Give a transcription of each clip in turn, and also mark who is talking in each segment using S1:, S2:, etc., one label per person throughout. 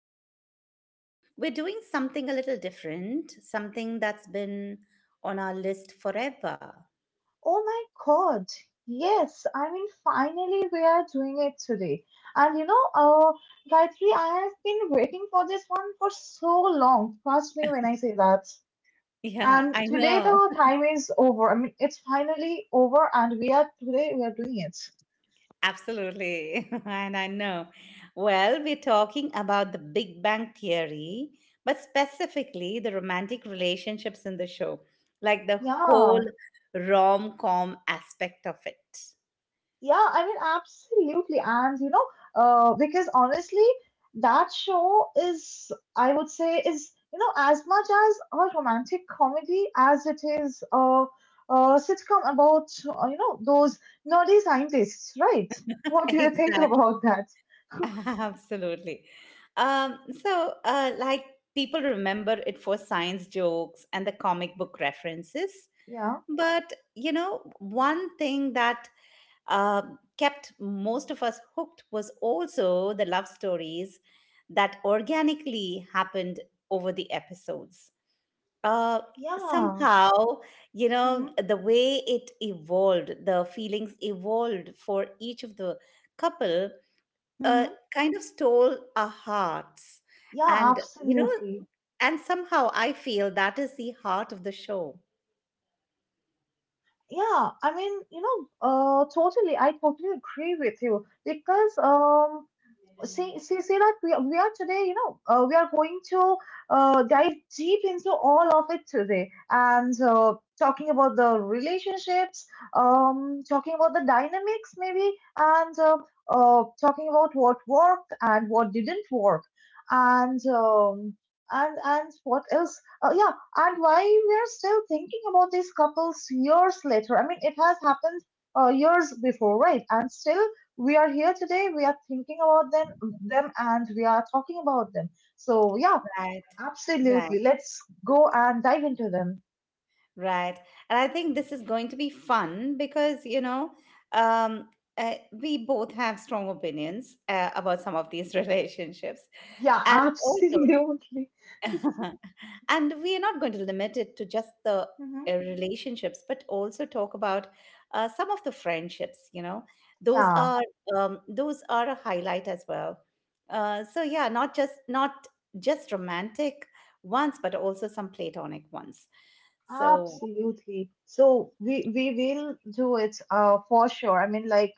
S1: today, you know, we're doing something a little different, something that's been on our list forever.
S2: Oh my God. Yes, I mean, finally we are doing it today. And you know, Gayatri, I have been waiting for this one for so long. Trust me when I say that.
S1: Yeah, I
S2: And today
S1: know.
S2: the time is over. I mean, it's finally over, and we are today we are doing it.
S1: Absolutely. And I know. Well, we're talking about the Big Bang Theory, but specifically the romantic relationships in the show, like the whole
S2: Yeah.
S1: rom com aspect of it.
S2: Yeah, I mean, absolutely. And you know, because honestly, that show is, I would say, is, you know, as much as a romantic comedy as it is a sitcom about, you know, those nerdy scientists, right? What do you think
S1: Exactly.
S2: about that?
S1: Absolutely. Um, so, uh, like, people remember it for science jokes and the comic book references.
S2: Yeah.
S1: But, you know, one thing that kept most of us hooked was also the love stories that organically happened over the episodes. Uh,
S2: Yeah.
S1: Somehow, you
S2: Mm-hmm.
S1: know, the way it evolved, the feelings evolved for each of the couple
S2: Mm-hmm.
S1: uh, kind of stole our hearts.
S2: Yeah,
S1: And, you know,
S2: absolutely.
S1: and somehow I feel that is the heart of the show.
S2: Yeah, I mean, you know, I totally agree with you because, see that we are today you know we are going to dive deep into all of it today and talking about the relationships, talking about the dynamics maybe, and talking about what worked and what didn't work, and and what else, yeah, and why we are still thinking about these couples years later. I mean, it has happened years before, right? And still we are here today, we are thinking about them and we are talking about them. So yeah,
S1: Right, right,
S2: absolutely. Let's go and dive into them.
S1: right. And I think this is going to be fun because, you know, um, we both have strong opinions about some of these relationships.
S2: Yeah,
S1: And also,
S2: absolutely.
S1: and we are not going to limit it to just the
S2: Hmm
S1: relationships but also talk about some of the friendships, you know, those
S2: Yeah,
S1: are those are a highlight as well. So yeah, not just romantic ones but also some platonic ones, so
S2: absolutely. So we will do it for sure. I mean, like,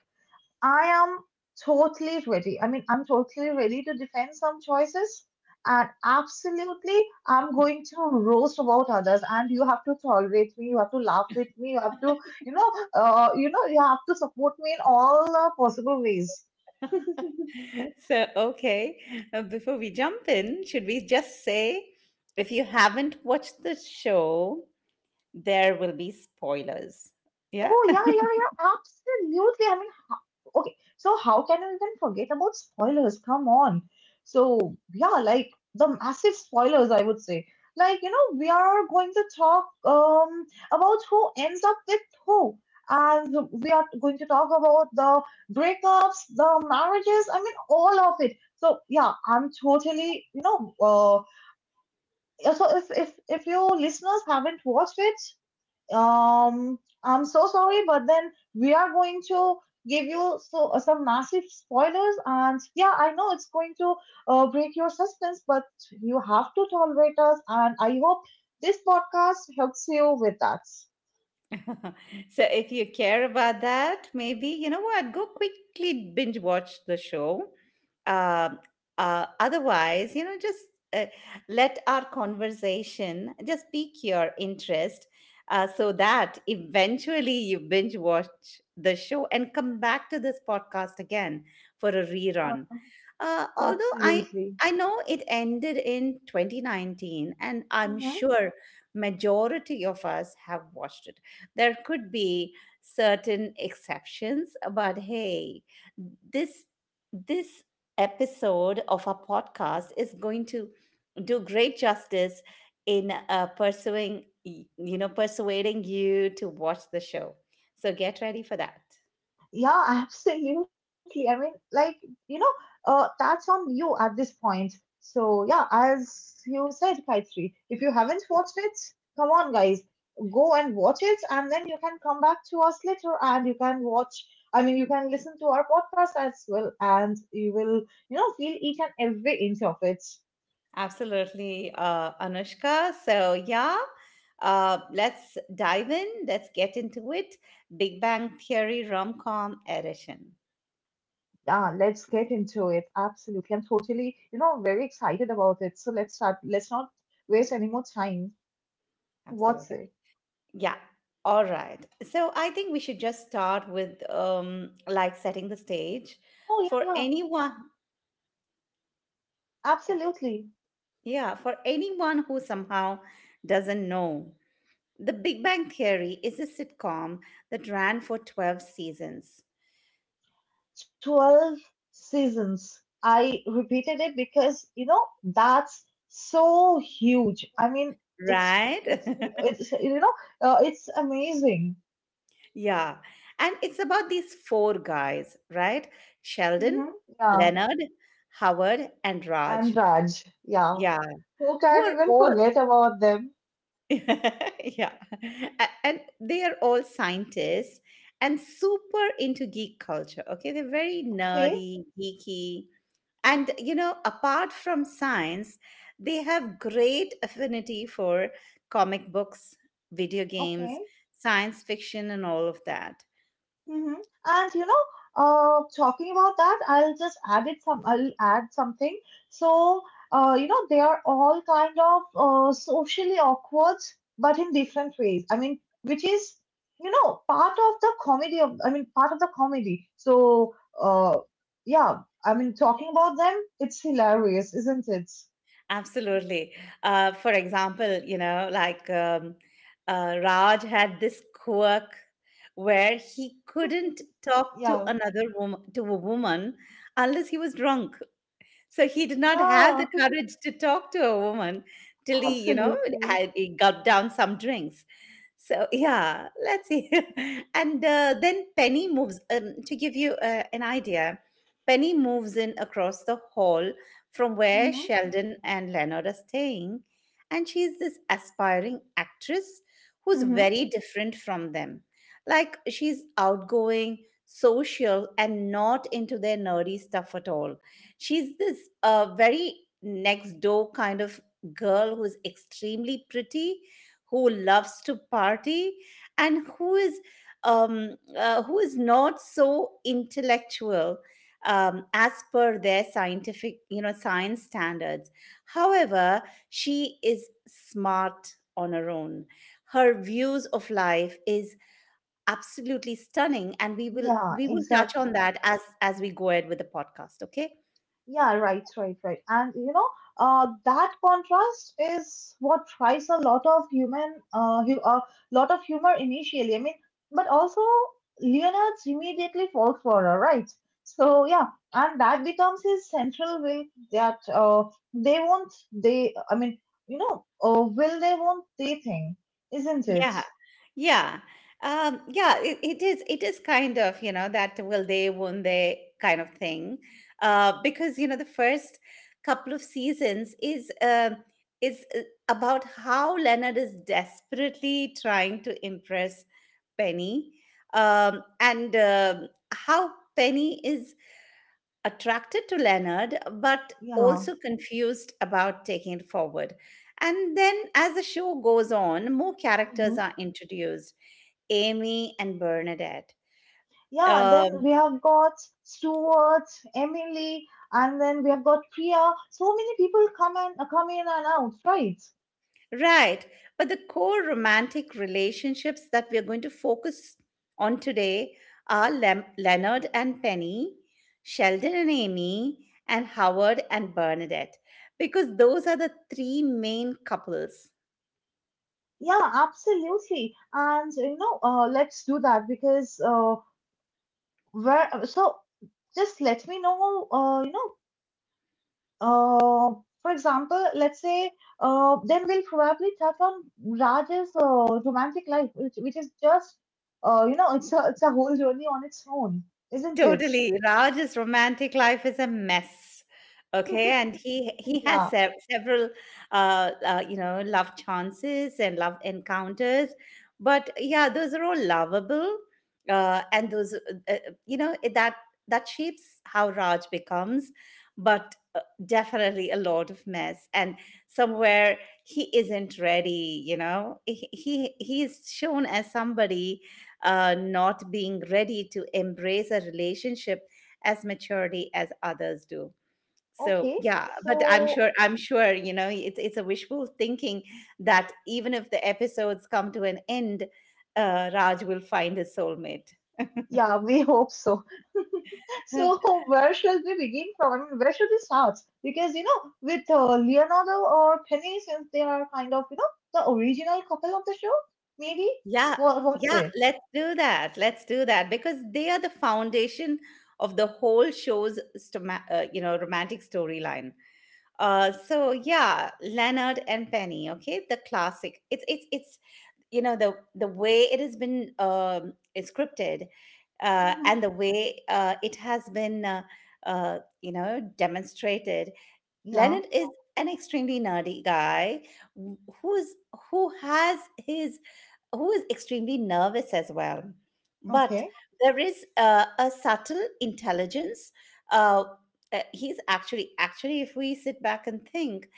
S2: I am totally ready. I mean, I'm totally ready to defend some choices. And absolutely, I'm going to roast about others. And you have to tolerate me. You have to laugh with me. You have to, you have to support me in all possible ways.
S1: okay, before we jump in, should we just say, if you haven't watched the show, there will be spoilers. Yeah.
S2: Oh yeah, yeah, yeah. Absolutely. I mean, okay, so how can we even forget about spoilers? Come on. So, yeah, like the massive spoilers, I would say. Like, you know, we are going to talk about who ends up with who. And we are going to talk about the breakups, the marriages, I mean, all of it. So, yeah, I'm totally, you know, so if you listeners haven't watched it, um, I'm so sorry, but then we are going to give you some massive spoilers, and yeah, I know it's going to break your suspense, but you have to tolerate us, and I hope this podcast helps you with that.
S1: So if you care about that, maybe, you know what, go quickly binge watch the show. Um, Otherwise, you know, just uh, let our conversation just pique your interest so that eventually you binge watch the show and come back to this podcast again for a
S2: Uh,
S1: rerun. Although
S2: Absolutely.
S1: I know it ended in 2019, and I'm
S2: Mhm.
S1: sure majority of us have watched it. There could be certain exceptions, but hey, this this episode of our podcast is going to do great justice in you know, persuading you to watch the show. So get ready for that.
S2: Yeah, absolutely. I mean, like, you know, that's on you at this point. So, yeah, as you said, Kaitri, if you haven't watched it, come on, guys, go and watch it, and then you can come back to us later and you can watch. I mean, you can listen to our podcast as well, and you will, you know, feel each and every inch of it.
S1: Absolutely, Anushka. So yeah, let's dive in. Let's get into it. Big Bang Theory rom com edition.
S2: Yeah, let's get into it. Absolutely. I'm totally, you know, very excited about it. So, let's start. Let's not waste any more time.
S1: Absolutely.
S2: What's it?
S1: Yeah. All right. So I think we should just start with like setting the stage for
S2: Oh, yeah, yeah,
S1: anyone. Yeah.
S2: absolutely.
S1: Yeah. For anyone who somehow doesn't know, The Big Bang Theory is a sitcom that ran for 12 seasons,
S2: 12 seasons. I repeated it because, you know, that's so huge. I mean, it's,
S1: right?
S2: it's, you know, it's amazing.
S1: Yeah. And it's about these four guys, right? Sheldon,
S2: Hmm Yeah.
S1: Leonard, Howard, and
S2: And
S1: Raj.
S2: Raj. Yeah.
S1: Yeah.
S2: Who
S1: Who
S2: can
S1: are
S2: even
S1: all,
S2: forget about them?
S1: yeah. And they are all scientists and super into geek culture. Okay. They're very
S2: Okay.
S1: nerdy, geeky.
S2: Mhm.
S1: And, you know, apart from science, they have great affinity for comic books, video games,
S2: Okay.
S1: science fiction, and all of that.
S2: Mm-hmm. And you know, talking about that, I'll just add it some. I'll add something. So, you know, they are all kind of socially awkward, but in different ways. I mean, which is, you know, part of the comedy of. I mean, part of the comedy. So, uh, yeah. I mean, talking about them, it's hilarious, isn't it?
S1: Absolutely. For example, you know, Raj had this quirk where he couldn't talk to
S2: Yeah.
S1: another woman to a woman unless he was drunk. So he did not have
S2: Yeah.
S1: the courage to talk to a woman till he, you know,
S2: Absolutely.
S1: had, he gulped down some drinks. So yeah, let's see. and Then Penny moves. To give you an idea, Penny moves in across the hall from where
S2: Mm-hmm.
S1: Sheldon and Leonard are staying, and she's this aspiring actress who's
S2: Mm-hmm.
S1: very different from them. Like she's outgoing, social, and not into their nerdy stuff at all. She's this very next door kind of girl who's extremely pretty, who loves to party, and who is not so intellectual, as per their scientific you know, science standards. However, she is smart on her own. Her views of life is absolutely stunning, and
S2: Yeah.
S1: we will touch on
S2: Exactly.
S1: that as we go ahead with the podcast, okay.
S2: Yeah, right. And you know, that contrast is what tries a lot of lot of humor initially. I mean, but also Leonard immediately falls for her, right? So yeah, and that becomes his central will that they won't they. I mean, you know, will they won't they thing, isn't it?
S1: Yeah, yeah, it is. It is kind of, you know, that will they, won't they kind of thing, because you know the first couple of seasons is about how Leonard is desperately trying to impress Penny, and how Penny is attracted to Leonard, but
S2: Yeah.
S1: also confused about taking it forward. And then, as the show goes on, more
S2: Mm-hmm.
S1: characters are introduced: Amy and Bernadette.
S2: Yeah, then
S1: Um,
S2: we have got Stuart, Emily, and then we have got Priya. So many people come and come in and out, right?
S1: right. But the core romantic relationships that we are going to focus on today are Leonard and Penny, Sheldon and Amy, and Howard and Bernadette, because those are the three main couples.
S2: Yeah, absolutely. And you know, let's do that because where so just let me know. You know, uh, for example, let's say then we'll probably touch on Raj's romantic life, which is just you know, it's a whole journey on its own, isn't it?
S1: Totally. Raj's romantic life is a mess. Okay, and he has
S2: Yeah.
S1: several you know, love chances and love encounters, but yeah, those are all lovable, and those you know, that shapes how Raj becomes, but definitely a lot of mess, and somewhere he isn't ready. You know, he is shown as somebody not being ready to embrace a relationship as maturity as others do. So
S2: Okay,
S1: yeah, but
S2: so
S1: I'm sure, you know, it's a wishful thinking, that even if the episodes come to an end, Raj will find his soulmate.
S2: yeah, we hope so. So where should we begin from? I mean, where should we start? Because you know, with Leonardo or Penny, since they are kind of you know the original couple of the show, maybe.
S1: Yeah.
S2: What what's
S1: Yeah
S2: it?
S1: let's do that, because they are the foundation of the whole show's you know, romantic storyline. So yeah, Leonard and Penny, okay, the classic. It's You know, the way it has been, is scripted,
S2: Mm-hmm.
S1: and the way it has been, you know, demonstrated.
S2: Yeah.
S1: Leonard is an extremely nerdy guy, wh- who's who has his who is extremely nervous as well, but
S2: Okay.
S1: there is a subtle intelligence. uh, he's actually, if we sit back and think,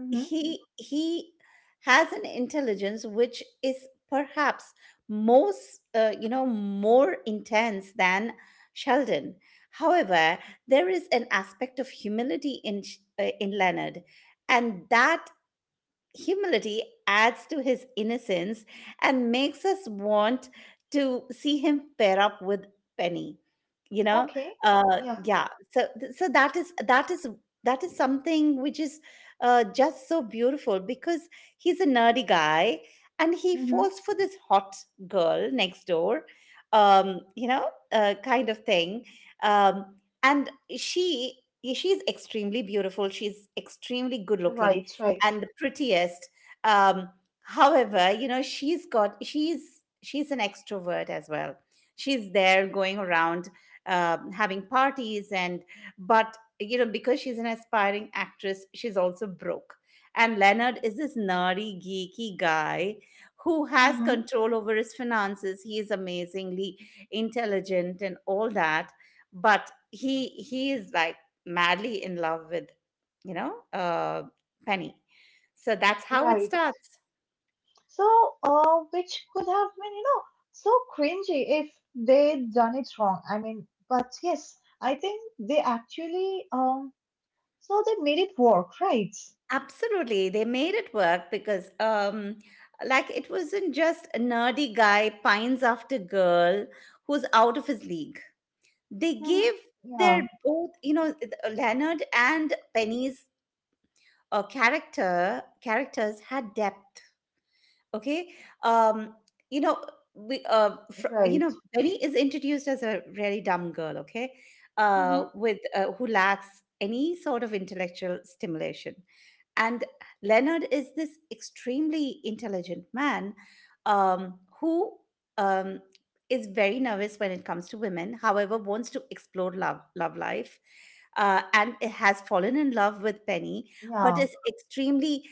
S2: Mm-hmm.
S1: he has an intelligence which is perhaps most you know, more intense than Sheldon. However, there is an aspect of humility in Leonard, and that humility adds to his innocence and makes us want to see him pair up with Penny. You know,
S2: Okay. Yeah.
S1: yeah. So, so that is that is something which is just so beautiful, because he's a nerdy guy and he
S2: Mm-hmm.
S1: falls for this hot girl next door, you know, kind of thing. Um, and She she's extremely beautiful. She's extremely good looking
S2: Right. Right.
S1: and the prettiest. Um, however, you know, she's an extrovert as well. She's there going around having parties, and but you know, because she's an aspiring actress, she's also broke. And Leonard is this nerdy, geeky guy who has
S2: Mm-hmm.
S1: control over his finances. He is amazingly intelligent and all that, but he is like madly in love with, you know, Penny. So that's how it
S2: Right.
S1: starts.
S2: So, which could have been, you know, so cringy if they'd done it wrong. I mean, but yes, I think they actually, so they made it work, right?
S1: Absolutely. They made it work because like it wasn't just a nerdy guy pines after girl who's out of his league. They
S2: Mm-hmm.
S1: gave their
S2: Yeah,
S1: both, you know, Leonard and Penny's, characters had depth. Okay? Um you know, you
S2: right.
S1: know, Penny is introduced as a really dumb girl, okay?
S2: Mm-hmm.
S1: With who lacks any sort of intellectual stimulation. And Leonard is this extremely intelligent man, who um, is very nervous when it comes to women, however, wants to explore love, love life. And has fallen in love with Penny, but
S2: Yeah,
S1: is extremely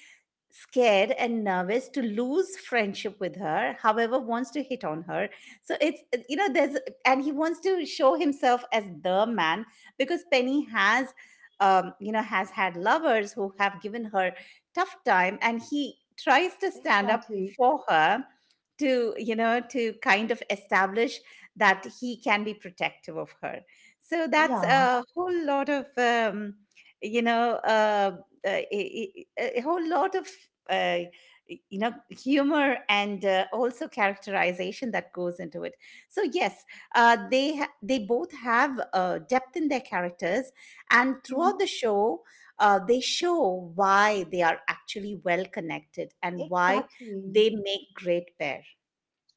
S1: scared and nervous to lose friendship with her, however wants to hit on her. So it's, you know, there's, and he wants to show himself as the man, because Penny has, you know, has had lovers who have given her tough time, and he tries to stand up
S2: exactly.
S1: for her to, you know, to kind of establish that he can be protective of her. So that's
S2: Yeah,
S1: a whole lot of, you know, a whole lot of, uh, you know, humor and also characterization that goes into it. So yes, they both have depth in their characters, and throughout the
S2: hmm
S1: show, they show why they are actually well connected and why
S2: exactly.
S1: they make great pair.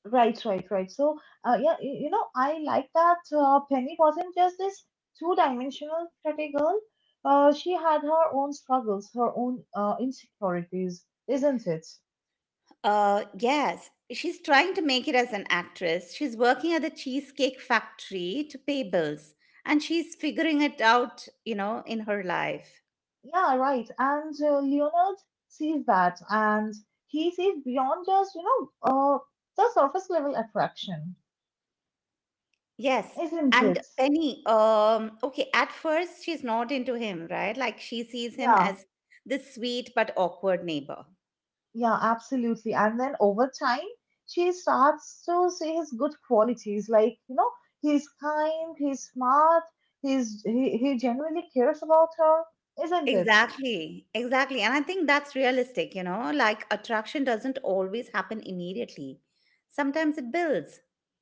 S2: Right. So, yeah, you know, I like that Penny wasn't just this two-dimensional pretty girl. She had her own struggles, her own insecurities, isn't it?
S1: Yes, she's trying to make it as an actress. She's working at the Cheesecake Factory to pay bills, and she's figuring it out, you know, in her life.
S2: Yeah, right. And Leonard sees that, and he sees beyond just, uh, the surface level attraction,
S1: Yes.
S2: isn't
S1: And
S2: it?
S1: Penny, okay, at first she's not into him, right? Like she sees him
S2: Yeah.
S1: as this sweet but awkward neighbor.
S2: Yeah, absolutely. And then over time, she starts to see his good qualities, like, you know, he's kind, he's smart, he genuinely cares about her, isn't it?
S1: Exactly, exactly. And I think that's realistic, you know, like attraction doesn't always happen immediately. Sometimes it builds.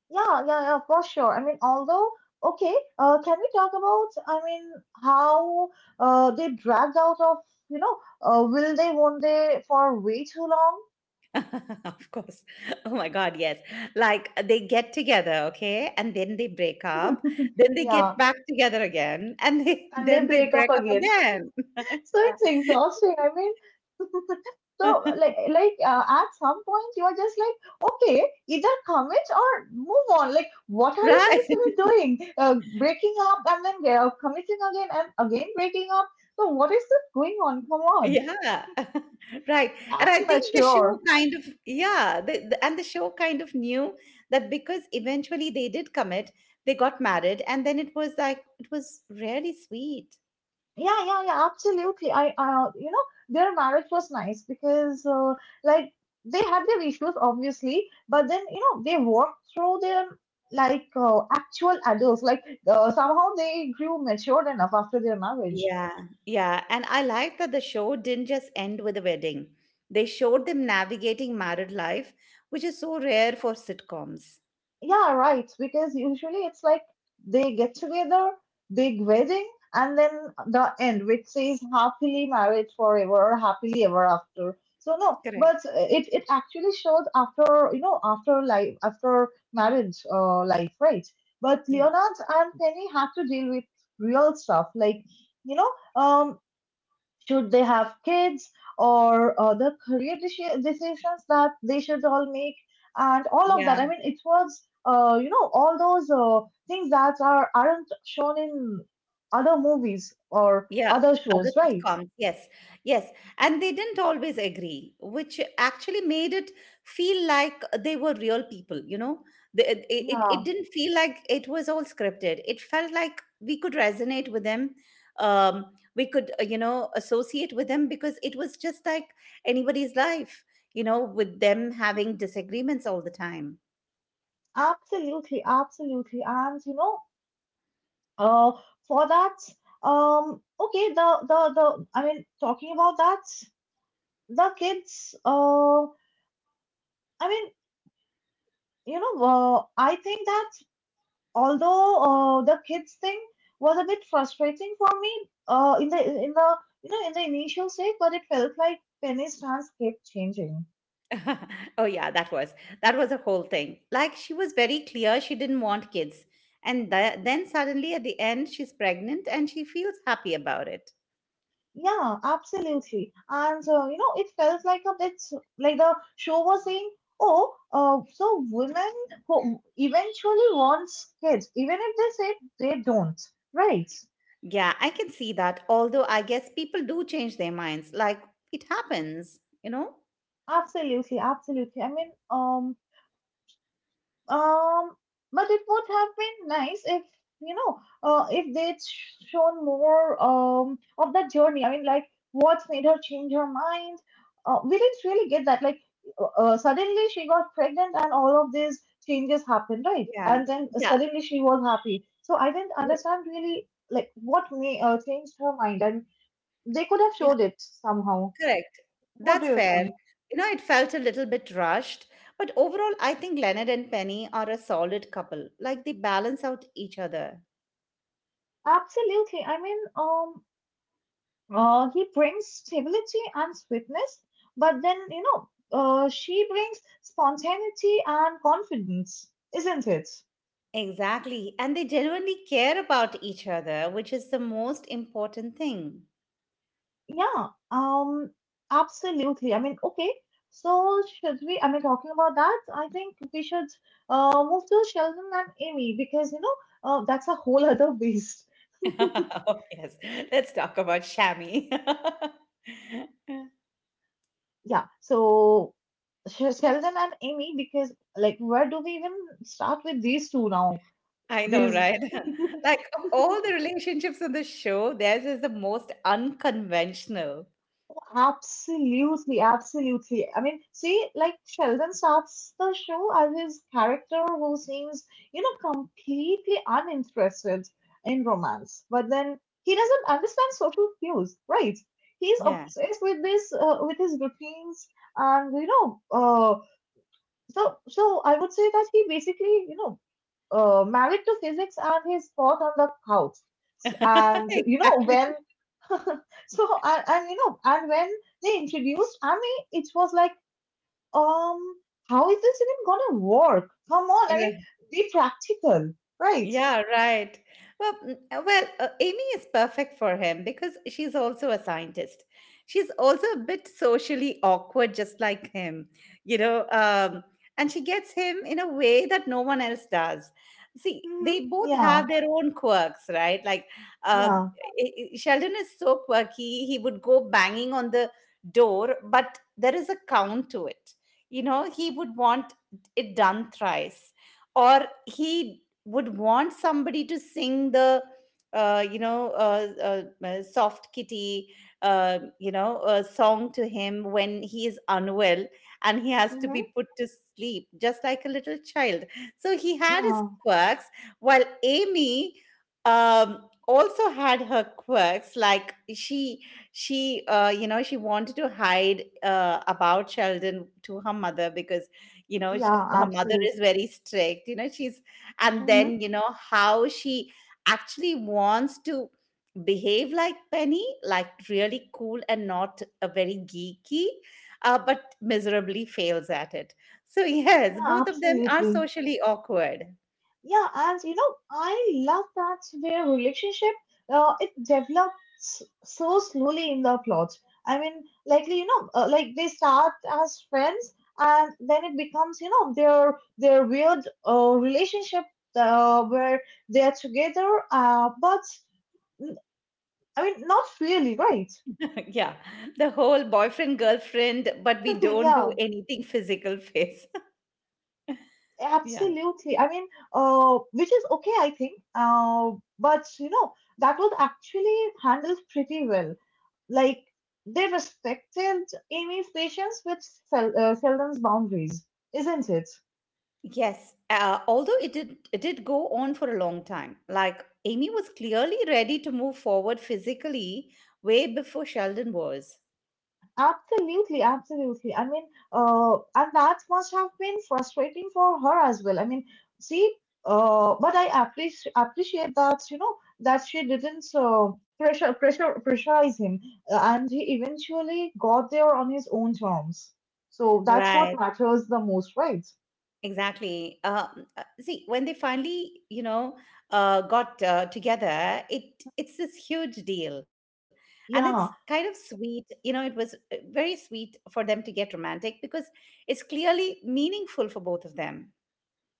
S2: Yeah, yeah, yeah, for sure. I mean, although, okay, can we talk about, I mean, how they dragged out of, you know, will they, won't they for way too long?
S1: Of course. Oh my God, yes. Like they get together, okay, and then they break up, then they
S2: Yeah,
S1: get back together again, and they,
S2: and they
S1: then they
S2: break
S1: break
S2: up
S1: up
S2: again.
S1: again.
S2: So it's exhausting. I mean, so like like uh, at some point you are just like, okay, either commit or move on. Like, what are you
S1: Right.
S2: guys even doing? Breaking up and then committing again and again breaking up. So what is this going on? Come on,
S1: Yeah, right. And
S2: act
S1: I think the show
S2: mature.
S1: kind of, yeah, and the show kind of knew that, because eventually they did commit, they got married, and then it was like, it was really sweet.
S2: Yeah, yeah, yeah, absolutely. You know, their marriage was nice because, like, they had their issues, obviously, but then, you know, they worked through them like actual adults. Like, somehow they grew matured enough after their marriage.
S1: Yeah, yeah. And I like that the show didn't just end with a wedding, they showed them navigating married life, which is so rare for sitcoms.
S2: Yeah, right. Because usually it's like they get together, big wedding, and then the end, which says happily married forever or happily ever after. So no, but
S1: Correct.
S2: it actually shows after you know after life after marriage life, right? But
S1: Yeah.
S2: Leonard and Penny have to deal with real stuff like you know um should they have kids or other decisions that they should all make, and all of that.
S1: Yeah.
S2: I mean, it was you know, all those things that aren't shown in other movies or
S1: Yeah,
S2: other
S1: other
S2: shows, right?
S1: sitcoms. Yes, yes. And they didn't always agree, which actually made it feel like they were real people, you know? It
S2: Yeah,
S1: didn't feel like it was all scripted. It felt like we could resonate with them. Um, we could, you know, associate with them because it was just like anybody's life, you know, with them having disagreements all the time.
S2: absolutely, absolutely. And you know, uh, for that um okay, the I mean talking about that, the kids, uh i mean you know, I think that, although the kids thing was a bit frustrating for me in the you know in the initial stage, but it felt like Penny's stance kept changing.
S1: Oh yeah, that was, that was a whole thing. Like she was very clear she didn't want kids, and then suddenly at the end she's pregnant and she feels happy about it.
S2: Yeah, absolutely, and you know it felt like a bit like the show was saying, oh, so women who eventually wants kids, even if they say they don't, right?
S1: Yeah, I can see that, although I guess people do change their minds. Like it happens, you know.
S2: Absolutely, absolutely. I mean, Um, but it would have been nice if you know, if they'd shown more of that journey. I mean, like what made her change her mind. We didn't really get that. Like suddenly she got pregnant and all of these changes happened, right?
S1: yeah
S2: And then
S1: yeah
S2: suddenly she was happy. So I didn't
S1: yeah,
S2: understand really like what may changed her mind, and they could have
S1: yeah
S2: showed it somehow.
S1: Correct.
S2: What do
S1: That's
S2: you
S1: fair.
S2: think?
S1: You know, it felt a little bit rushed, but overall, I think Leonard and Penny are a solid couple. Like they balance out each other.
S2: Absolutely. I mean, uh, he brings stability and sweetness, but then, you know, she brings spontaneity and confidence, isn't it?
S1: Exactly. And they genuinely care about each other, which is the most important thing.
S2: Yeah, absolutely. I mean, okay, so should we, I mean, talking about that, I think we should move to Sheldon and Amy because, you know, that's a whole other beast.
S1: Oh, yes. Let's talk about Shami.
S2: Yeah, so Sheldon and Amy because, like, where do we even start with these two now?
S1: I know,
S2: These.
S1: right? Like, of all the relationships on the show, theirs is the most unconventional.
S2: Absolutely, absolutely. I mean, see, like Sheldon starts the show as his character who seems, you know, completely uninterested in romance, but then he doesn't understand social cues, right? He's
S1: Yeah,
S2: obsessed with this, with his routines, and you know, so I would say that he basically, you know, married to physics and he fought on the couch.
S1: right.
S2: And you know
S1: Exactly.
S2: when, and you know and when they introduced, I mean, it was like, um, how is this even gonna work? Come on, I mean, be practical, right?
S1: Yeah, right. Well, Amy is perfect for him because she's also a scientist. She's also a bit socially awkward, just like him, you know. And she gets him in a way that no one else does. See,
S2: Mm-hmm.
S1: they both
S2: Yeah,
S1: have their own quirks, right? Um,
S2: yeah,
S1: Sheldon is so quirky; he would go banging on the door, but there is a count to it. You know, he would want it done thrice, or he would want somebody to sing the uh, you know uh, soft kitty song to him when he is unwell and he has to
S2: mm-hmm.
S1: be put to sleep just like a little child. So he had his
S2: yeah,
S1: quirks, while Amy, um, also had her quirks. Like she you know, she wanted to hide, about Sheldon, to her mother, because you know,
S2: yeah,
S1: her mother is
S2: absolutely.
S1: very strict, you know. She's, and
S2: Mm-hmm.
S1: then you know how she actually wants to behave like Penny, like really cool and not a very geeky, but miserably fails at it. So yes,
S2: Yeah,
S1: both of them are
S2: absolutely.
S1: socially awkward.
S2: Yeah, and you know, I love that their relationship it develops so slowly in the plot. I mean, likely you know, like they start as friends, and then it becomes you know their weird relationship where they are together, mm, I mean, not really, right?
S1: Yeah, the whole boyfriend girlfriend but we don't do
S2: yeah,
S1: anything physical phase. yeah.
S2: absolutely. I mean, which is okay, I think. But you know, that was actually handled pretty well. Like they respected Amy's patience, which Sheldon's boundaries, isn't it?
S1: Yes, although it did go on for a long time. Like Amy was clearly ready to move forward physically way before Sheldon was.
S2: Absolutely, absolutely. I mean, and that must have been frustrating for her as well. I mean, see, but I appreciate that you know that she didn't pressure pressure pressurize him, and he eventually got there on his own terms. So that's
S1: Right,
S2: what matters the most, right?
S1: exactly. See, when they finally, you know, got, together, it's this huge deal, and it's kind
S2: Yeah,
S1: of sweet. You know, it was, very sweet for them to get romantic because it's clearly meaningful for both of them.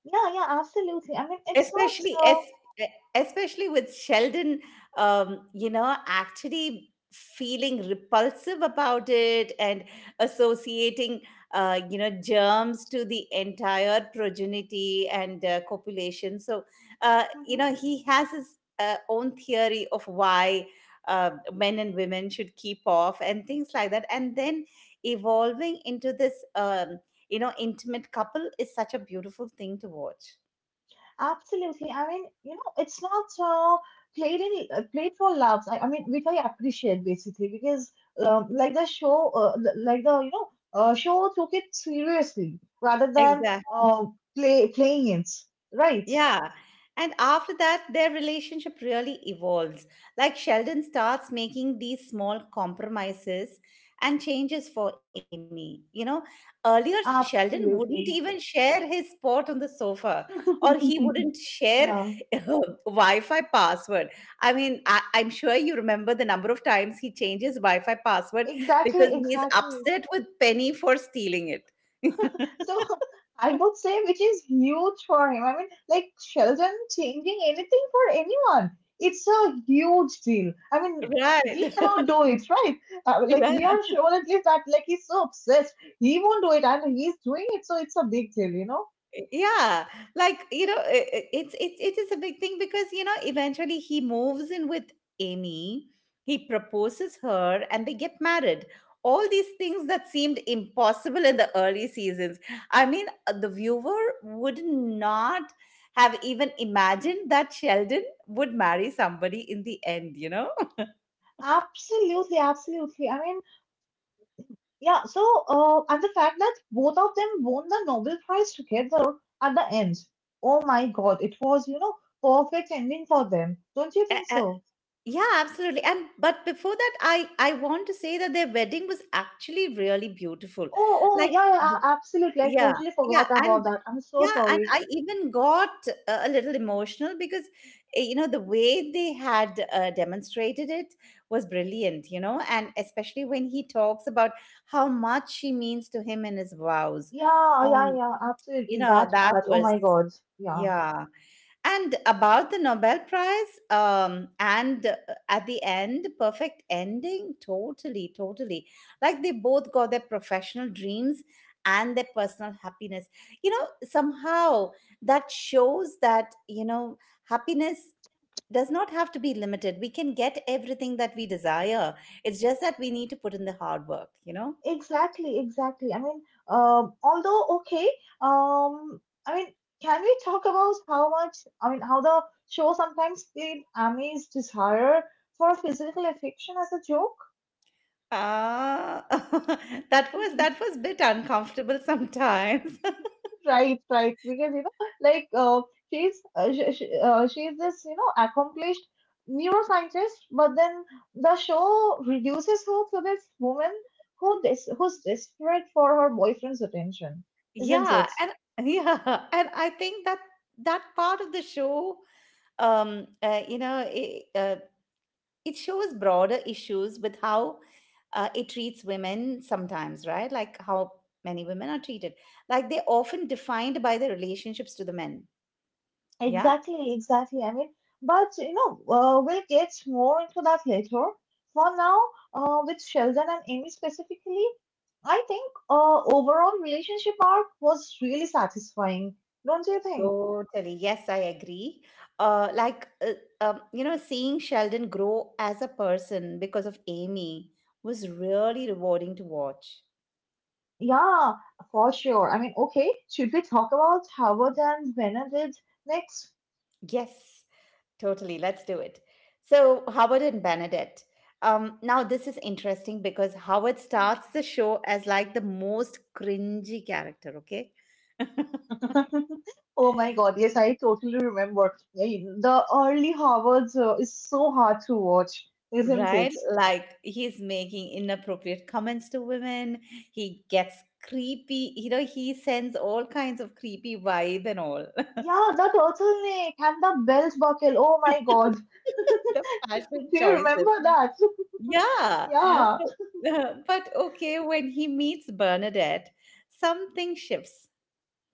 S2: yeah, yeah. Absolutely. I mean, it's not.
S1: especially es e, Especially with Sheldon, you know, actually feeling repulsive about it and associating, you know, germs to the entire progeny and, copulation. So, you
S2: Mm-hmm.
S1: know, he has his, own theory of why men and women should keep off and things like that, and then evolving into this, you know, intimate couple is such a beautiful thing to watch.
S2: Absolutely. I mean, you know, it's not played in played for laughs. I mean, which I appreciate basically because like the show, like the you know, show took it seriously rather than
S1: Exactly.
S2: playing it. Right.
S1: Yeah. And after that, their relationship really evolves. Like Sheldon starts making these small compromises and changes for Amy. You know, earlier Sheldon wouldn't even
S2: Absolutely.
S1: share his spot on the sofa, or he wouldn't share
S2: Yeah.
S1: her Wi Fi password. I mean, I'm sure you remember the number of times he changes Wi Fi password because
S2: Exactly.
S1: he's
S2: Exactly.
S1: upset with Penny for stealing it.
S2: So I would say, which is huge for him. I mean, like Sheldon changing anything for anyone, it's a huge deal. I mean, he
S1: Right.
S2: cannot do it, right? Like
S1: Yeah.
S2: we are sure at least that, like he's so obsessed, he won't do it, and he's doing it, so it's a big deal, you know.
S1: Yeah, like you know, it's it is a big thing because you know eventually he moves in with Amy, he proposes her, and they get married. All these things that seemed impossible in the early seasons. I mean, the viewer would not have even imagined that Sheldon would marry somebody in the end, you know.
S2: Absolutely, absolutely. I mean, yeah. So, and the fact that both of them won the Nobel Prize together at the end. Oh my God, it was, you know, perfect ending for them. Don't you
S1: A-
S2: think
S1: a-
S2: so?
S1: Yeah, absolutely. And but before that, I want to say that their wedding was actually really beautiful.
S2: Oh, oh,
S1: Like,
S2: yeah,
S1: the,
S2: yeah, absolutely. I
S1: yeah,
S2: totally
S1: yeah,
S2: forgot
S1: and
S2: about that. I'm so
S1: yeah, and
S2: sorry.
S1: I even got, a little emotional because you know, the way they had, demonstrated it was brilliant. You know, and especially when he talks about how much she means to him in his vows.
S2: Yeah, yeah,
S1: Um,
S2: yeah,
S1: you
S2: absolutely.
S1: know,
S2: That
S1: that
S2: part. Oh
S1: was
S2: my God. Yeah.
S1: yeah. And about the Nobel Prize, and at the end, perfect ending, totally, totally. Like they both got their professional dreams and their personal happiness. You know, somehow that shows that, you know, happiness does not have to be limited. We can get everything that we desire. It's just that we need to put in the hard work, you know?
S2: Exactly, exactly. I mean, although okay, um, I mean, can we talk about how much, I mean, how the show sometimes played Amy's desire for physical affection as a joke?
S1: Ah, that was, that was bit uncomfortable sometimes.
S2: Right, right. Because you know, she's this you know accomplished neuroscientist, but then the show reduces her to this woman who's desperate for her boyfriend's attention, isn't
S1: Yeah,
S2: it?
S1: and yeah, and I think that that part of the show, you know it shows broader issues with how, it treats women sometimes, right? Like how many women are treated like they're often defined by their relationships to the men. Yeah.
S2: Exactly, exactly. I mean, but you know, we'll get more into that later. For now, with Sheldon and Amy specifically, I think overall relationship arc was really satisfying, don't you think?
S1: Totally, yes, I agree. uh like uh, you know, seeing Sheldon grow as a person because of Amy was really rewarding to watch.
S2: Yeah, for sure. I mean, okay, should we talk about Howard and Benedict next?
S1: Yes. Totally. Let's do it. So, Howard and Bernadette. Now, this is interesting because Howard starts the show as like the most cringy character, okay?
S2: Oh my God, yes, I totally remember. Yeah, the early Howards is so hard to watch, isn't
S1: Right?
S2: it?
S1: Like, he's making inappropriate comments to women. He gets creepy. You know, he sends all kinds of creepy vibe and all.
S2: Yeah, the turtleneck and the belt buckle. Oh my God.
S1: The fashion
S2: Do you
S1: choices.
S2: remember that?
S1: Yeah.
S2: Yeah.
S1: But okay, when he meets Bernadette, something shifts.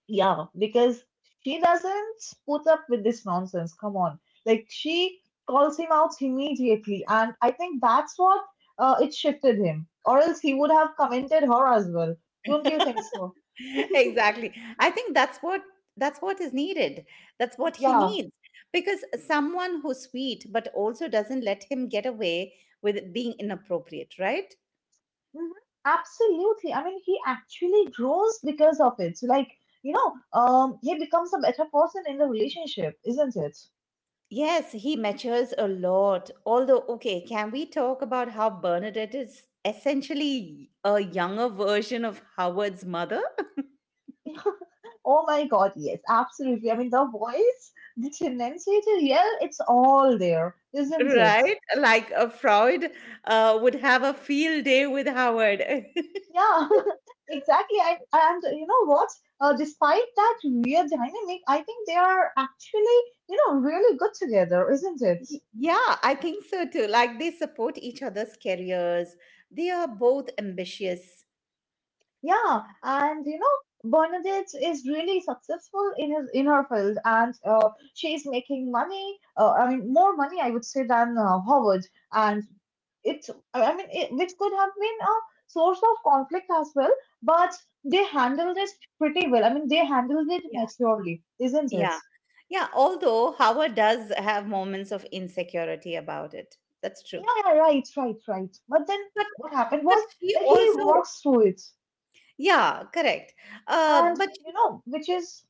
S2: Yeah, because she doesn't put up with this nonsense. Come on. Like, she calls him out immediately. And I think that's what it shifted him. Or else he would have commented her as well. Don't you think so?
S1: Exactly. I think that's what, that's what is needed. That's what he
S2: Yeah.
S1: needs, because someone who's sweet but also doesn't let him get away with being inappropriate, right?
S2: Hmm. Absolutely. I mean, he actually grows because of it. So, like, you know, he becomes a better person in the relationship, isn't it?
S1: Yes, he matures a lot. Although okay, can we talk about how Bernadette is essentially a younger version of Howard's mother?
S2: Oh my God, yes, absolutely. I mean, the voice, the tendency to yell, it's all there, isn't it?
S1: Right? Like, Freud, would have a field day with Howard.
S2: Yeah, exactly. And you know what? Despite that weird dynamic, I think they are actually, you know, really good together, isn't it?
S1: Yeah, I think so too. Like they support each other's careers. They are both ambitious.
S2: Yeah, and you know, Bernadette is really successful in his in her field, and she's making money. I mean, more money, I would say, than Howard, and it. I mean, it, which could have been a source of conflict as well, but they handled it pretty well. I mean, they handled it
S1: Yeah.
S2: maturely, isn't it?
S1: Yeah. Yeah. Although Howard does have moments of insecurity about it. That's
S2: Yeah,
S1: true.
S2: yeah, right, right, right. But then
S1: But
S2: what happened
S1: but
S2: was
S1: she
S2: that he
S1: also,
S2: works through it.
S1: yeah, correct. Uh,
S2: And,
S1: but she
S2: you know, which is,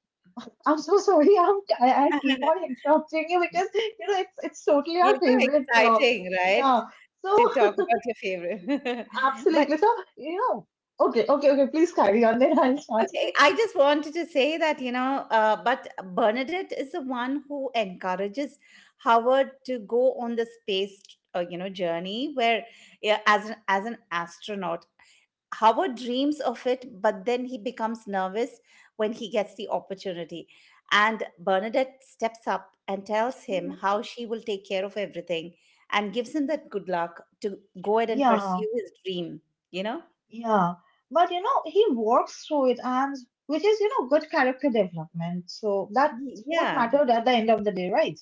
S2: I'm so sorry, I keep on interrupting you because, you know, it's totally our
S1: it's
S2: favorite.
S1: so exciting, right?
S2: Yeah. So,
S1: To talk about your favorite. But
S2: absolutely. So, you know, okay, okay, okay, please carry on, then I'll start.
S1: okay, I just wanted to say that, you know, but Bernadette is the one who encourages Howard to go on the space, you know, journey where, yeah, as an astronaut Howard dreams of it, but then he becomes nervous when he gets the opportunity. And Bernadette steps up and tells him
S2: Hmm.
S1: how she will take care of everything, and gives him that good luck to go ahead and
S2: Yeah,
S1: pursue his dream, you know?
S2: yeah. But, you know, he works through it and, which is, you know, good character development. So that's
S1: Y-
S2: what
S1: Yeah,
S2: mattered at the end of the day, right?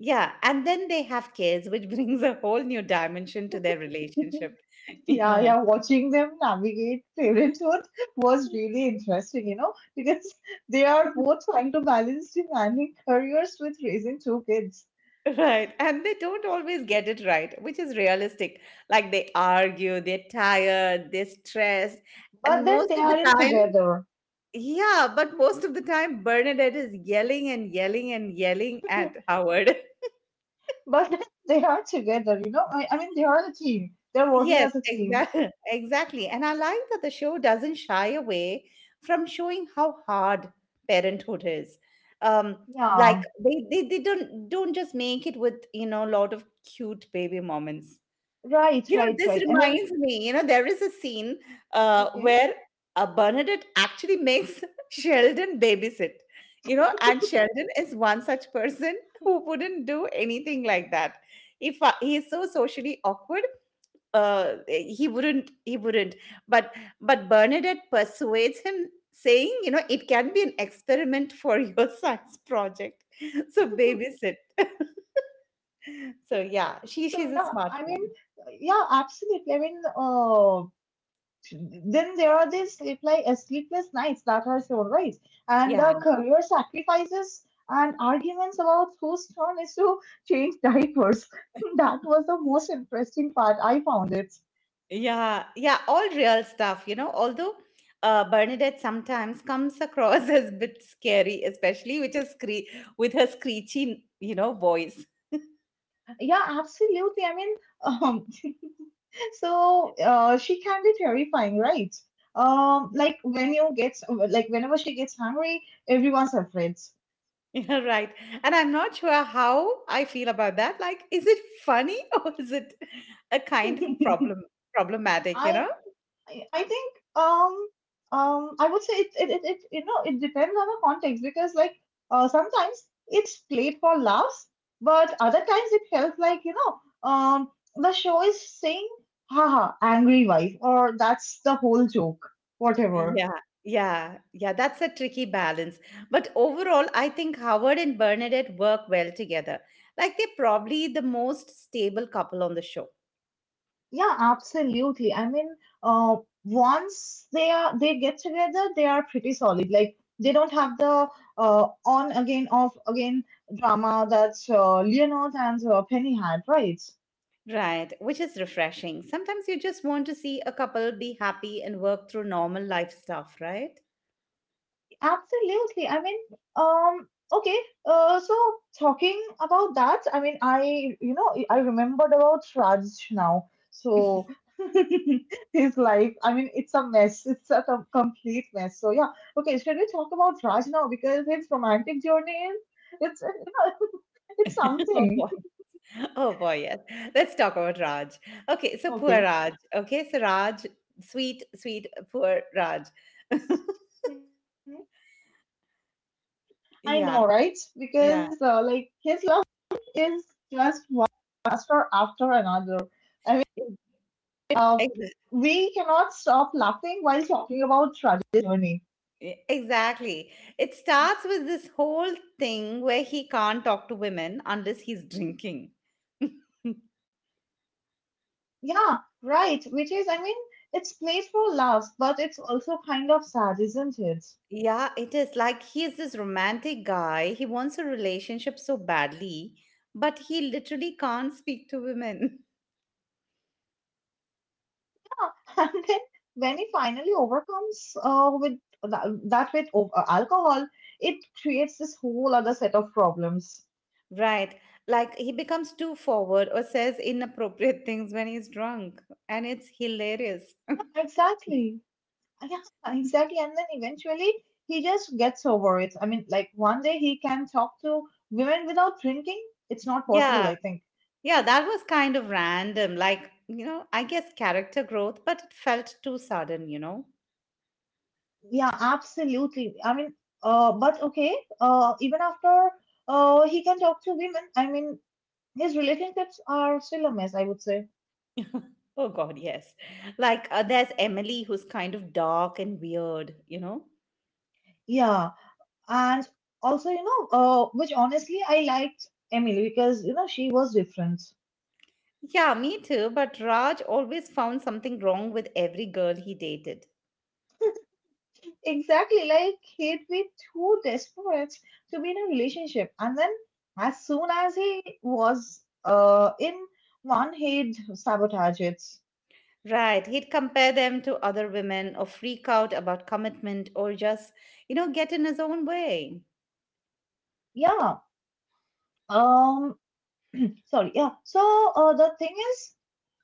S1: yeah. And then they have kids, which brings a whole new dimension to their relationship.
S2: Yeah, yeah, watching them navigate parenthood was really interesting, you know, because they are
S1: Yeah.
S2: both trying to balance demanding careers with raising two kids.
S1: Right. And they don't always get it right, which is realistic. Like they argue, they're tired, they're stressed. And
S2: But then
S1: most
S2: they
S1: of the
S2: aren't
S1: time,
S2: together.
S1: yeah, but most of the time, Bernadette is yelling and yelling and yelling at Howard.
S2: But then they are together, you know. I mean, they are a team. They're working
S1: Yes,
S2: as a team.
S1: exactly. Exactly. And I like that the show doesn't shy away from showing how hard parenthood is. Like
S2: Yeah,
S1: they don't just make it with, you know, a lot of cute baby moments.
S2: right,
S1: You know,
S2: right,
S1: this
S2: right. I mean,
S1: reminds me, you know, there is a scene,
S2: okay.
S1: where, Bernadette actually makes Sheldon babysit, you know, and Sheldon is one such person who wouldn't do anything like that. If, he is so socially awkward, he wouldn't. But but Bernadette persuades him, saying, you know, it can be an experiment for your science project. So babysit. So yeah, she
S2: So
S1: she's a
S2: yeah,
S1: smart
S2: I mean,
S1: one.
S2: yeah, absolutely. I mean, then there are these sleepless nights that are shown, right? And
S1: Yeah.
S2: the career sacrifices and arguments about whose turn is to change diapers. That was the most interesting part. I found it.
S1: Yeah, yeah, all real stuff, you know. Although, Bernadette sometimes comes across as a bit scary, especially with her with her screechy, you know, voice.
S2: Yeah, absolutely. I mean, um, so she can be terrifying, right? Like when you get like whenever she gets hungry, everyone's afraid.
S1: Yeah, right. And I'm not sure how I feel about that. Like, is it funny or is it a kind of problematic, you
S2: I
S1: know?
S2: I think I would say it, it it it you know it depends on the context because like sometimes it's played for laughs, but other times it felt like you know the show is saying haha angry wife or that's the whole joke, whatever.
S1: Yeah, yeah, yeah, that's a tricky balance. But overall, I think Howard and Bernadette work well together. Like they're probably the most stable couple on the show.
S2: Yeah, absolutely. I mean, uh, once they are they get together, they are pretty solid. Like they don't have the on again off again drama that Leonard and Penny had, right?
S1: Right, which is refreshing. Sometimes you just want to see a couple be happy and work through normal life stuff, right?
S2: Absolutely. I mean, okay. So talking about that, I mean, I you know I remembered about Raj now. So his life. I mean, it's a mess. It's a complete mess. So yeah. Okay. Should we talk about Raj now because his romantic journey is, it's you know it's
S1: Oh
S2: something.
S1: boy. Oh boy, yes. Let's talk about Raj. Okay, so poor Raj.
S2: Okay.
S1: Okay, so Raj, sweet, sweet, poor Raj.
S2: Mhm. I know,
S1: Yeah,
S2: right?
S1: yeah,
S2: Because like his love is just one disaster after another. I mean,
S1: ex-
S2: uh, we cannot stop laughing while talking about Raj's journey.
S1: exactly. It starts with this whole thing where he can't talk to women unless he's drinking.
S2: Yeah, right. Which is, I mean, it's playful laughs, but it's also kind of sad, isn't it?
S1: Yeah, it is. Like he is this romantic guy. He wants a relationship so badly, but he literally can't speak to women.
S2: Yeah. And then when he finally overcomes that with alcohol, it creates this whole other set of problems.
S1: Right. Like he becomes too forward or says inappropriate things when he's drunk. And it's hilarious.
S2: Exactly. Yeah, exactly. And then eventually he just gets over it. I mean, like one day he can talk to women without drinking. It's not possible, I
S1: Yeah.
S2: think.
S1: Yeah. That was kind of random. Like, you know, I guess character growth, but it felt too sudden, you know?
S2: Yeah, absolutely. I mean, even after he can talk to women, I mean, his relationships are still a mess, I would say.
S1: Oh, God, yes. Like, there's Emily, who's kind of dark and weird, you know?
S2: Yeah, and also, you know, which honestly, I liked Emily because, you know, she was different.
S1: Yeah, me too. But Raj always found something wrong with every girl he dated.
S2: Exactly, like he'd be too desperate to be in a relationship. And then as soon as he was in one, he'd sabotage it.
S1: Right. He'd compare them to other women or freak out about commitment or just, you know, get in his own way.
S2: Yeah. Um, sorry, yeah. So the thing is,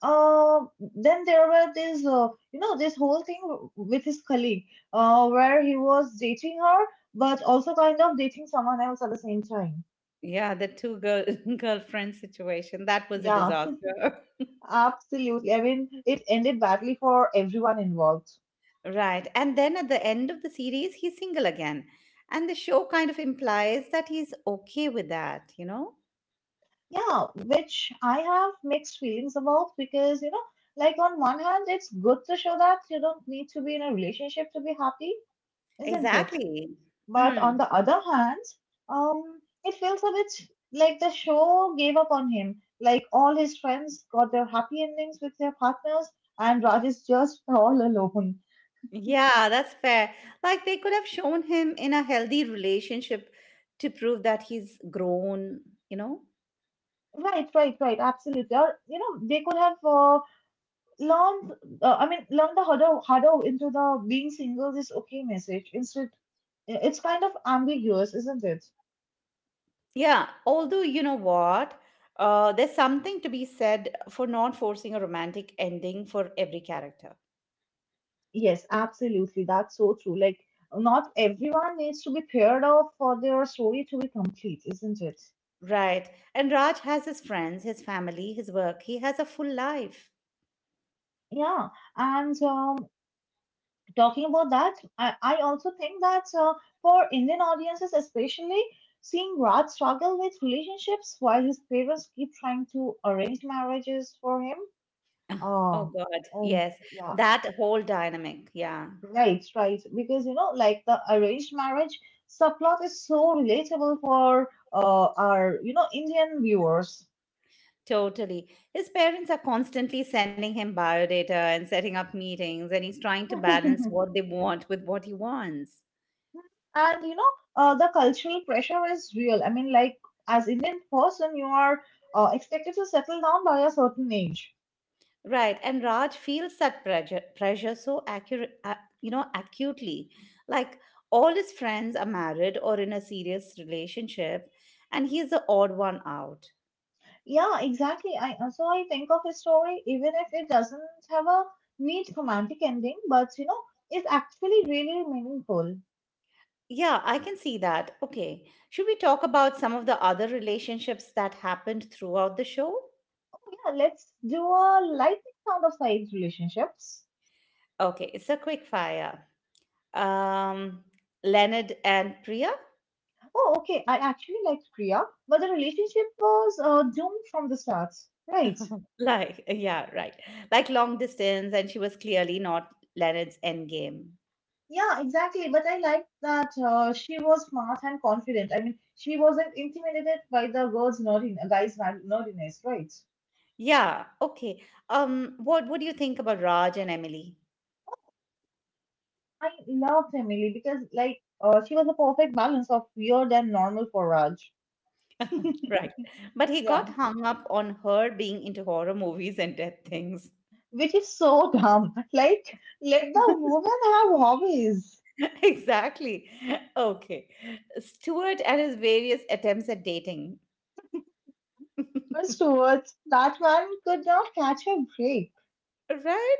S2: uh, then there were this, you know, this whole thing with his colleague, where he was dating her, but also kind of dating someone else at the same time.
S1: Yeah, the two girl girlfriend situation. That was a
S2: Yeah,
S1: disaster.
S2: absolutely. I mean, it ended badly for everyone involved.
S1: Right. And then at the end of the series, he's single again. And the show kind of implies that he's okay with that, you know?
S2: Yeah, which I have mixed feelings about because, you know, like on one hand, it's good to show that you don't need to be in a relationship to be happy, isn't it?
S1: Exactly.
S2: But
S1: Mm.
S2: on the other hand, it feels a bit like the show gave up on him. Like all his friends got their happy endings with their partners, and Raj is just all alone.
S1: Yeah, that's fair. Like they could have shown him in a healthy relationship to prove that he's grown, you know?
S2: Right, right, right. Absolutely. Or you know, they could have learned. I mean, learned the harder harder into the being single is okay message. Instead, it's kind of ambiguous, isn't it?
S1: Yeah, although you know what, there's something to be said for not forcing a romantic ending for every character.
S2: Yes, absolutely. That's so true. Like, not everyone needs to be paired off for their story to be complete, isn't it?
S1: Right. And Raj has his friends, his family, his work. He has a full life.
S2: Yeah. And talking about that, I also think that for Indian audiences, especially, seeing Raj struggle with relationships while his parents keep trying to arrange marriages for him.
S1: Oh,
S2: Oh,
S1: God.
S2: oh,
S1: Yes.
S2: yeah.
S1: That whole dynamic. Yeah,
S2: Right, right. Because you know, like the arranged marriage subplot is so relatable for our you know Indian viewers.
S1: totally. His parents are constantly sending him biodata and setting up meetings, and he's trying to balance what they want with what he wants.
S2: And you know, the cultural pressure is real. I mean, like as Indian person, you are expected to settle down by a certain age.
S1: Right, and Raj feels that pressure, pressure so accurate, you know, acutely. Like all his friends are married or in a serious relationship, and he's the odd one out.
S2: Yeah, exactly. I so I think of a story, even if it doesn't have a neat romantic ending, but you know, it's actually really meaningful.
S1: Yeah, I can see that. Okay, should we talk about some of the other relationships that happened throughout the show?
S2: Yeah, let's do a lightning round of size relationships.
S1: Okay, it's a quick fire. Um, Leonard and Priya,
S2: Oh, okay. I actually liked Priya, but the relationship was doomed from the start. Right.
S1: like yeah, right, like long distance, and she was clearly not Leonard's end game.
S2: Yeah, exactly. But I liked that she was smart and confident. I mean, she wasn't intimidated by the girl's nerdiness, guy's ma- nerdiness, right?
S1: Yeah, okay. What do you think about Raj and Emily?
S2: I loved Emily because, she was a perfect balance of weird and normal for Raj.
S1: Right. But he got
S2: Yeah.
S1: hung up on her being into horror movies and death things.
S2: Which is so dumb. Like, let the woman have hobbies.
S1: Exactly. Okay. Stuart and his various attempts at dating.
S2: Afterwards, that man could not catch a break,
S1: Right?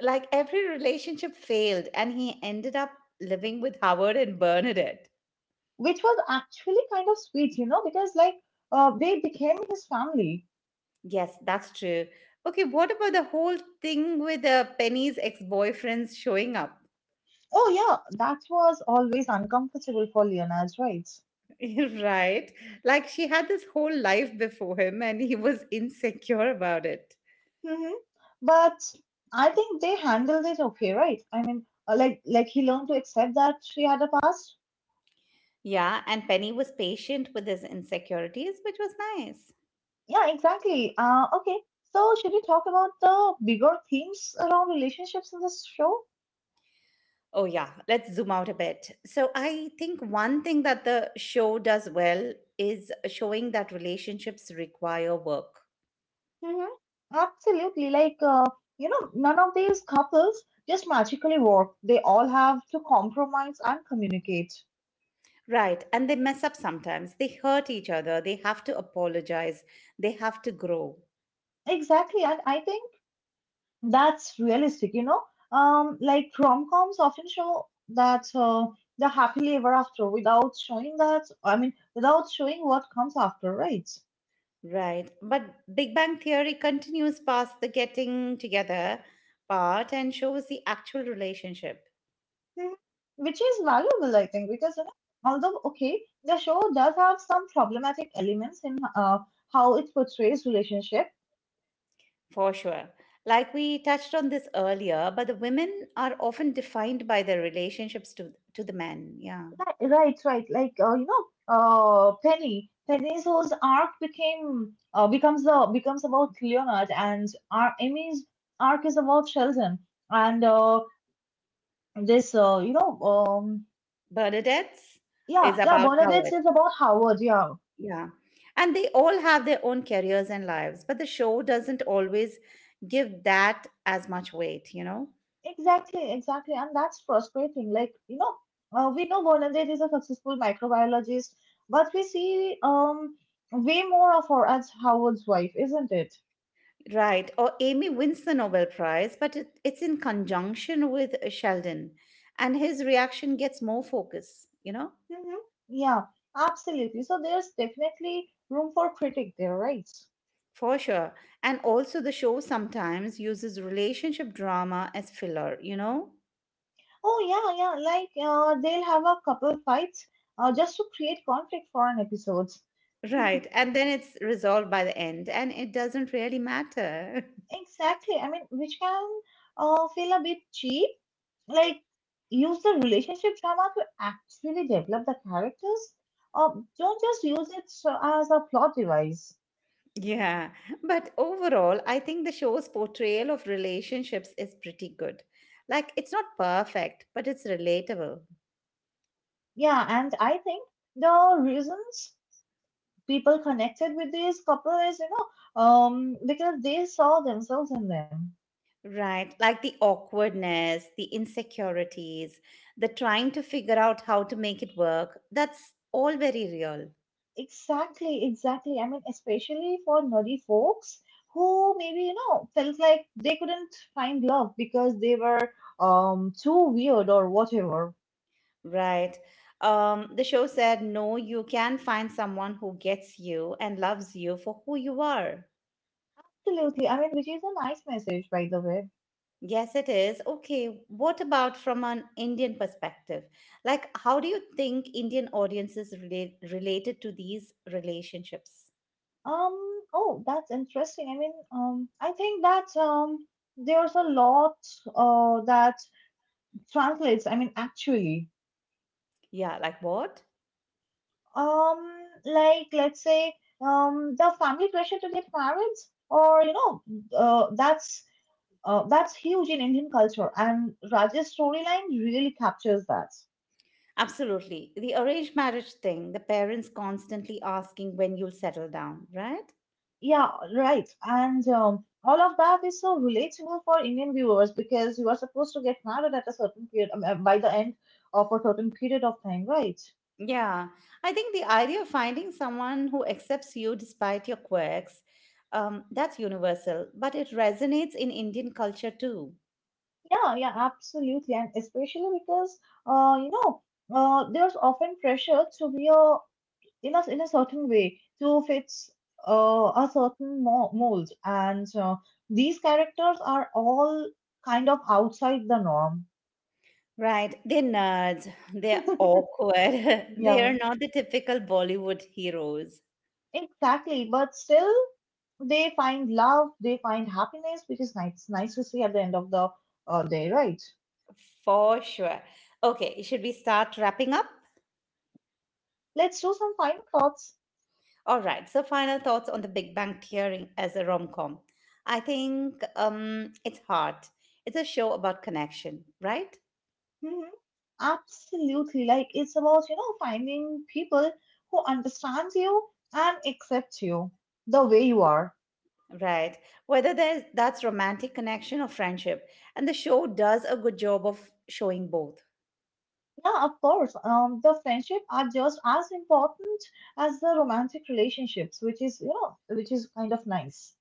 S1: Like every relationship failed and he ended up living with Howard and Bernadette.
S2: which was actually kind of sweet, you know, because they became his family.
S1: Yes, that's true. Okay, what about the whole thing with Penny's ex-boyfriends showing up?
S2: Oh, yeah, that was always uncomfortable for Leonard, right?
S1: Right. Like she had this whole life before him and he was insecure about it.
S2: Hmm. But I think they handled it okay, right? I mean, like he learned to accept that she had a past.
S1: Yeah, and Penny was patient with his insecurities, which was nice.
S2: Yeah, exactly. Okay. So should we talk about the bigger themes around relationships in this show?
S1: Oh, yeah. Let's zoom out a bit. So, I think one thing that the show does well is showing that relationships require work.
S2: Mhm. Absolutely. None of these couples just magically work. They all have to compromise and communicate.
S1: Right, and they mess up sometimes. They hurt each other, they have to apologize, they have to grow.
S2: Exactly. And I think that's realistic. Like rom-coms often show that the happily ever after without showing that, I mean, without showing what comes after, right?
S1: Right. But Big Bang Theory continues past the getting together part and shows the actual relationship,
S2: Mhm. Which is valuable, I think, because, you know, although, okay, the show does have some problematic elements in how it portrays relationship.
S1: for sure. Like we touched on this earlier, but the women are often defined by their relationships to the men. Yeah.
S2: Right, right. Like, Penny. Penny's whose arc became becomes the becomes about Leonard, and our Amy's arc is about Sheldon. And this, you know,
S1: Bernadette's
S2: Yeah,
S1: is
S2: yeah.
S1: about
S2: Bernadette's
S1: Howard.
S2: is about Howard. Yeah,
S1: Yeah. And they all have their own careers and lives, but the show doesn't always give that as much weight, you know?
S2: exactly, exactly. And that's frustrating. Like, we know Bernadette is a successful microbiologist, but we see way more of her as Howard's wife, isn't it?
S1: Right. Or Amy wins the Nobel Prize, but it's in conjunction with Sheldon. And his reaction gets more focus, you know,
S2: Mhm. Yeah, absolutely. So there's definitely room for critique there, right?
S1: for sure. And also, the show sometimes uses relationship drama as filler, you know?
S2: Oh yeah, yeah. Like, they'll have a couple fights just to create conflict for an episode.
S1: Right. And then it's resolved by the end, and it doesn't really matter.
S2: Exactly. I mean, which can feel a bit cheap. Like, use the relationship drama to actually develop the characters. Uh, don't just use it as a plot device.
S1: Yeah. But overall, I think the show's portrayal of relationships is pretty good. Like, it's not perfect, but it's relatable.
S2: Yeah, and I think the reasons people connected with these couples, because they saw themselves in them.
S1: Right. Like the awkwardness, the insecurities, the trying to figure out how to make it work. That's all very real.
S2: Exactly, exactly. I mean, especially for nerdy folks who maybe, you know, felt like they couldn't find love because they were too weird or whatever.
S1: Right. The show said, no, you can find someone who gets you and loves you for who you are.
S2: Absolutely. I mean, which is a nice message, by the way.
S1: Yes, it is. Okay. What about from an Indian perspective? Like, how do you think Indian audiences related to these relationships?
S2: Um, oh, that's interesting. I mean, I think that there's a lot that translates, I mean, actually.
S1: Yeah. Like, what?
S2: Like let's say the family pressure to get married, or you know, uh, that's that's huge in Indian culture, and Raj's storyline really captures that.
S1: Absolutely. The arranged marriage thing, the parents constantly asking when you'll settle down, right?
S2: Yeah, right. And all of that is so relatable for Indian viewers because you are supposed to get married at a certain period, by the end of a certain period of time, right?
S1: Yeah. I think the idea of finding someone who accepts you despite your quirks, that's universal, but it resonates in Indian culture too.
S2: Yeah, yeah, absolutely, and especially because uh, you know, there's often pressure to be a in a in a certain way to fits a certain mold, and these characters are all kind of outside the norm.
S1: Right. They're nerds, they're awkward, they
S2: Yeah,
S1: are not the typical Bollywood heroes.
S2: exactly, but still, they find love, they find happiness, which is nice, nice to see at the end of the day, right?
S1: For sure. Okay, should we start wrapping up?
S2: Let's do some final thoughts.
S1: All right. So, final thoughts on the Big Bang Theory as a rom com. I think it's hard. It's a show about connection, right?
S2: Hmm. Absolutely. Like, it's about, you know, finding people who understand you and accept you the way you are.
S1: Right. Whether that's romantic connection or friendship. And the show does a good job of showing both.
S2: Yeah, of course. The friendship are just as important as the romantic relationships, which is, which is kind of nice.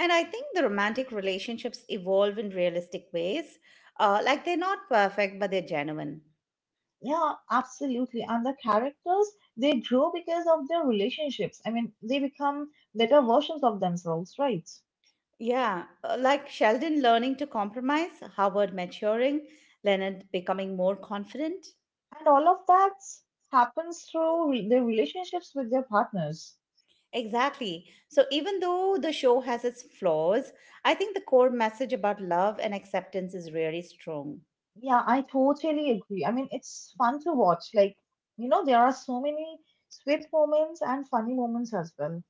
S1: And I think the romantic relationships evolve in realistic ways. Like they're not perfect, but they're genuine.
S2: Yeah, absolutely. And the characters, they grow because of their relationships. I mean, they become better versions of themselves, right?
S1: Yeah, like Sheldon learning to compromise, Howard maturing, Leonard becoming more confident.
S2: And all of that happens through their relationships with their partners.
S1: Exactly. So, even though the show has its flaws, I think the core message about love and acceptance is really strong.
S2: Yeah, I totally agree. I mean, it's fun to watch. Like, you know, there are so many sweet moments and funny moments as well.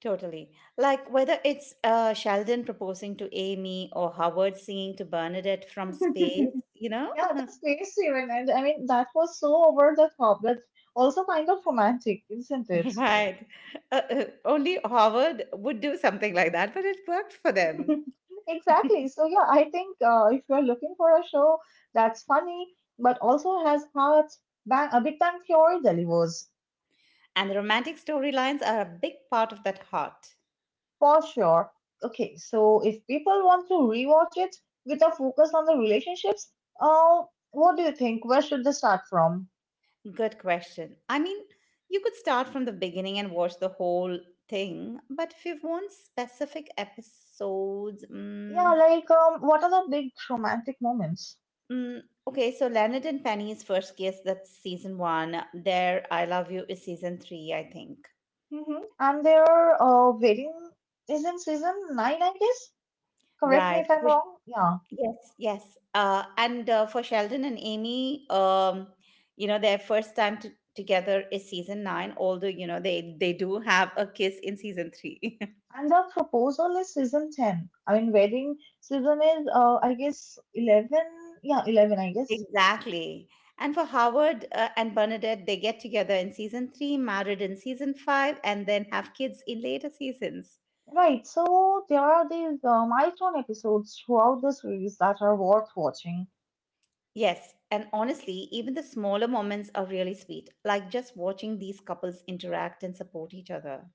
S1: Totally. Like whether it's Sheldon proposing to Amy or Howard singing to Bernadette from space, you know?
S2: Yeah, that's crazy, Steven. And I mean, that was so over the top, but also kind of romantic, isn't it?
S1: Right. Only Howard would do something like that, but it worked for them.
S2: Exactly. So, yeah, I think if you're looking for a show that's funny, but also has heart, bang, a Big Bang Theory delivers
S1: And the romantic storylines are a big part of that heart.
S2: for sure. Okay, so if people want to rewatch it with a focus on the relationships, uh, what do you think? Where should they start from?
S1: Good question. I mean, you could start from the beginning and watch the whole thing, but if you want specific episodes,
S2: Yeah, like, what are the big romantic moments?
S1: mm, okay, so Leonard and Penny's first kiss, that's season one. Their I Love You is season three, I think.
S2: Hmm. And their wedding is in season 9, I guess. Correct me
S1: Right.
S2: if I'm
S1: Which
S2: wrong. Yeah.
S1: yes, yes. And for Sheldon and Amy, you know, their first time together is season nine, although, you know, they do have a kiss in season three.
S2: And the proposal is season 10. I mean, wedding season is, I guess, 11. Yeah, 11, I guess.
S1: Exactly. And for Howard and Bernadette, they get together in season three, married in season five, and then have kids in later seasons.
S2: Right. So there are these milestone episodes throughout the series that are worth watching.
S1: Yes, and honestly, even the smaller moments are really sweet, like just watching these couples interact and support each other.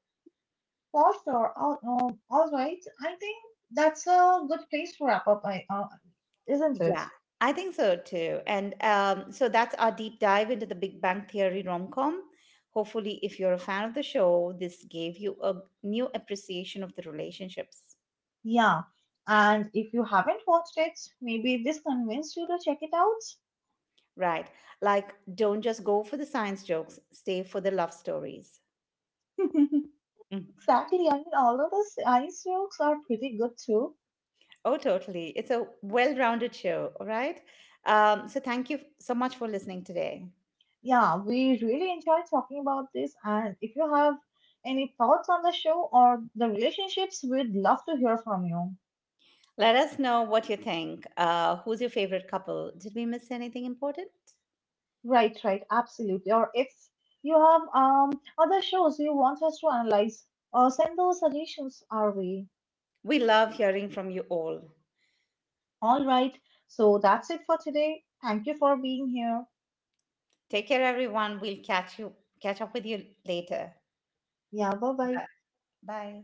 S2: For sure. All right. I think that's a good place to wrap up, isn't it?
S1: Yeah, I think so too. And so that's our deep dive into the Big Bang Theory rom com. Hopefully, if you're a fan of the show, this gave you a new appreciation of the relationships.
S2: Yeah, and if you haven't watched it, maybe this convinced you to check it out.
S1: Right. Like, don't just go for the science jokes, stay for the love stories. Mm.
S2: Exactly. I mean, all of the ice jokes are pretty good too.
S1: Oh, totally. It's a well rounded show. All right. So, thank you so much for listening today.
S2: Yeah, we really enjoyed talking about this. And if you have any thoughts on the show or the relationships, we'd love to hear from you.
S1: Let us know what you think. Who's your favorite couple? Did we miss anything important?
S2: Right, right, absolutely. Or if you have other shows you want us to analyze, or send those suggestions our way.
S1: We love hearing from you all.
S2: All right. So that's it for today. Thank you for being here.
S1: Take care, everyone. We'll catch you catch up with you later.
S2: 呀，拜拜。
S1: Bye. Bye.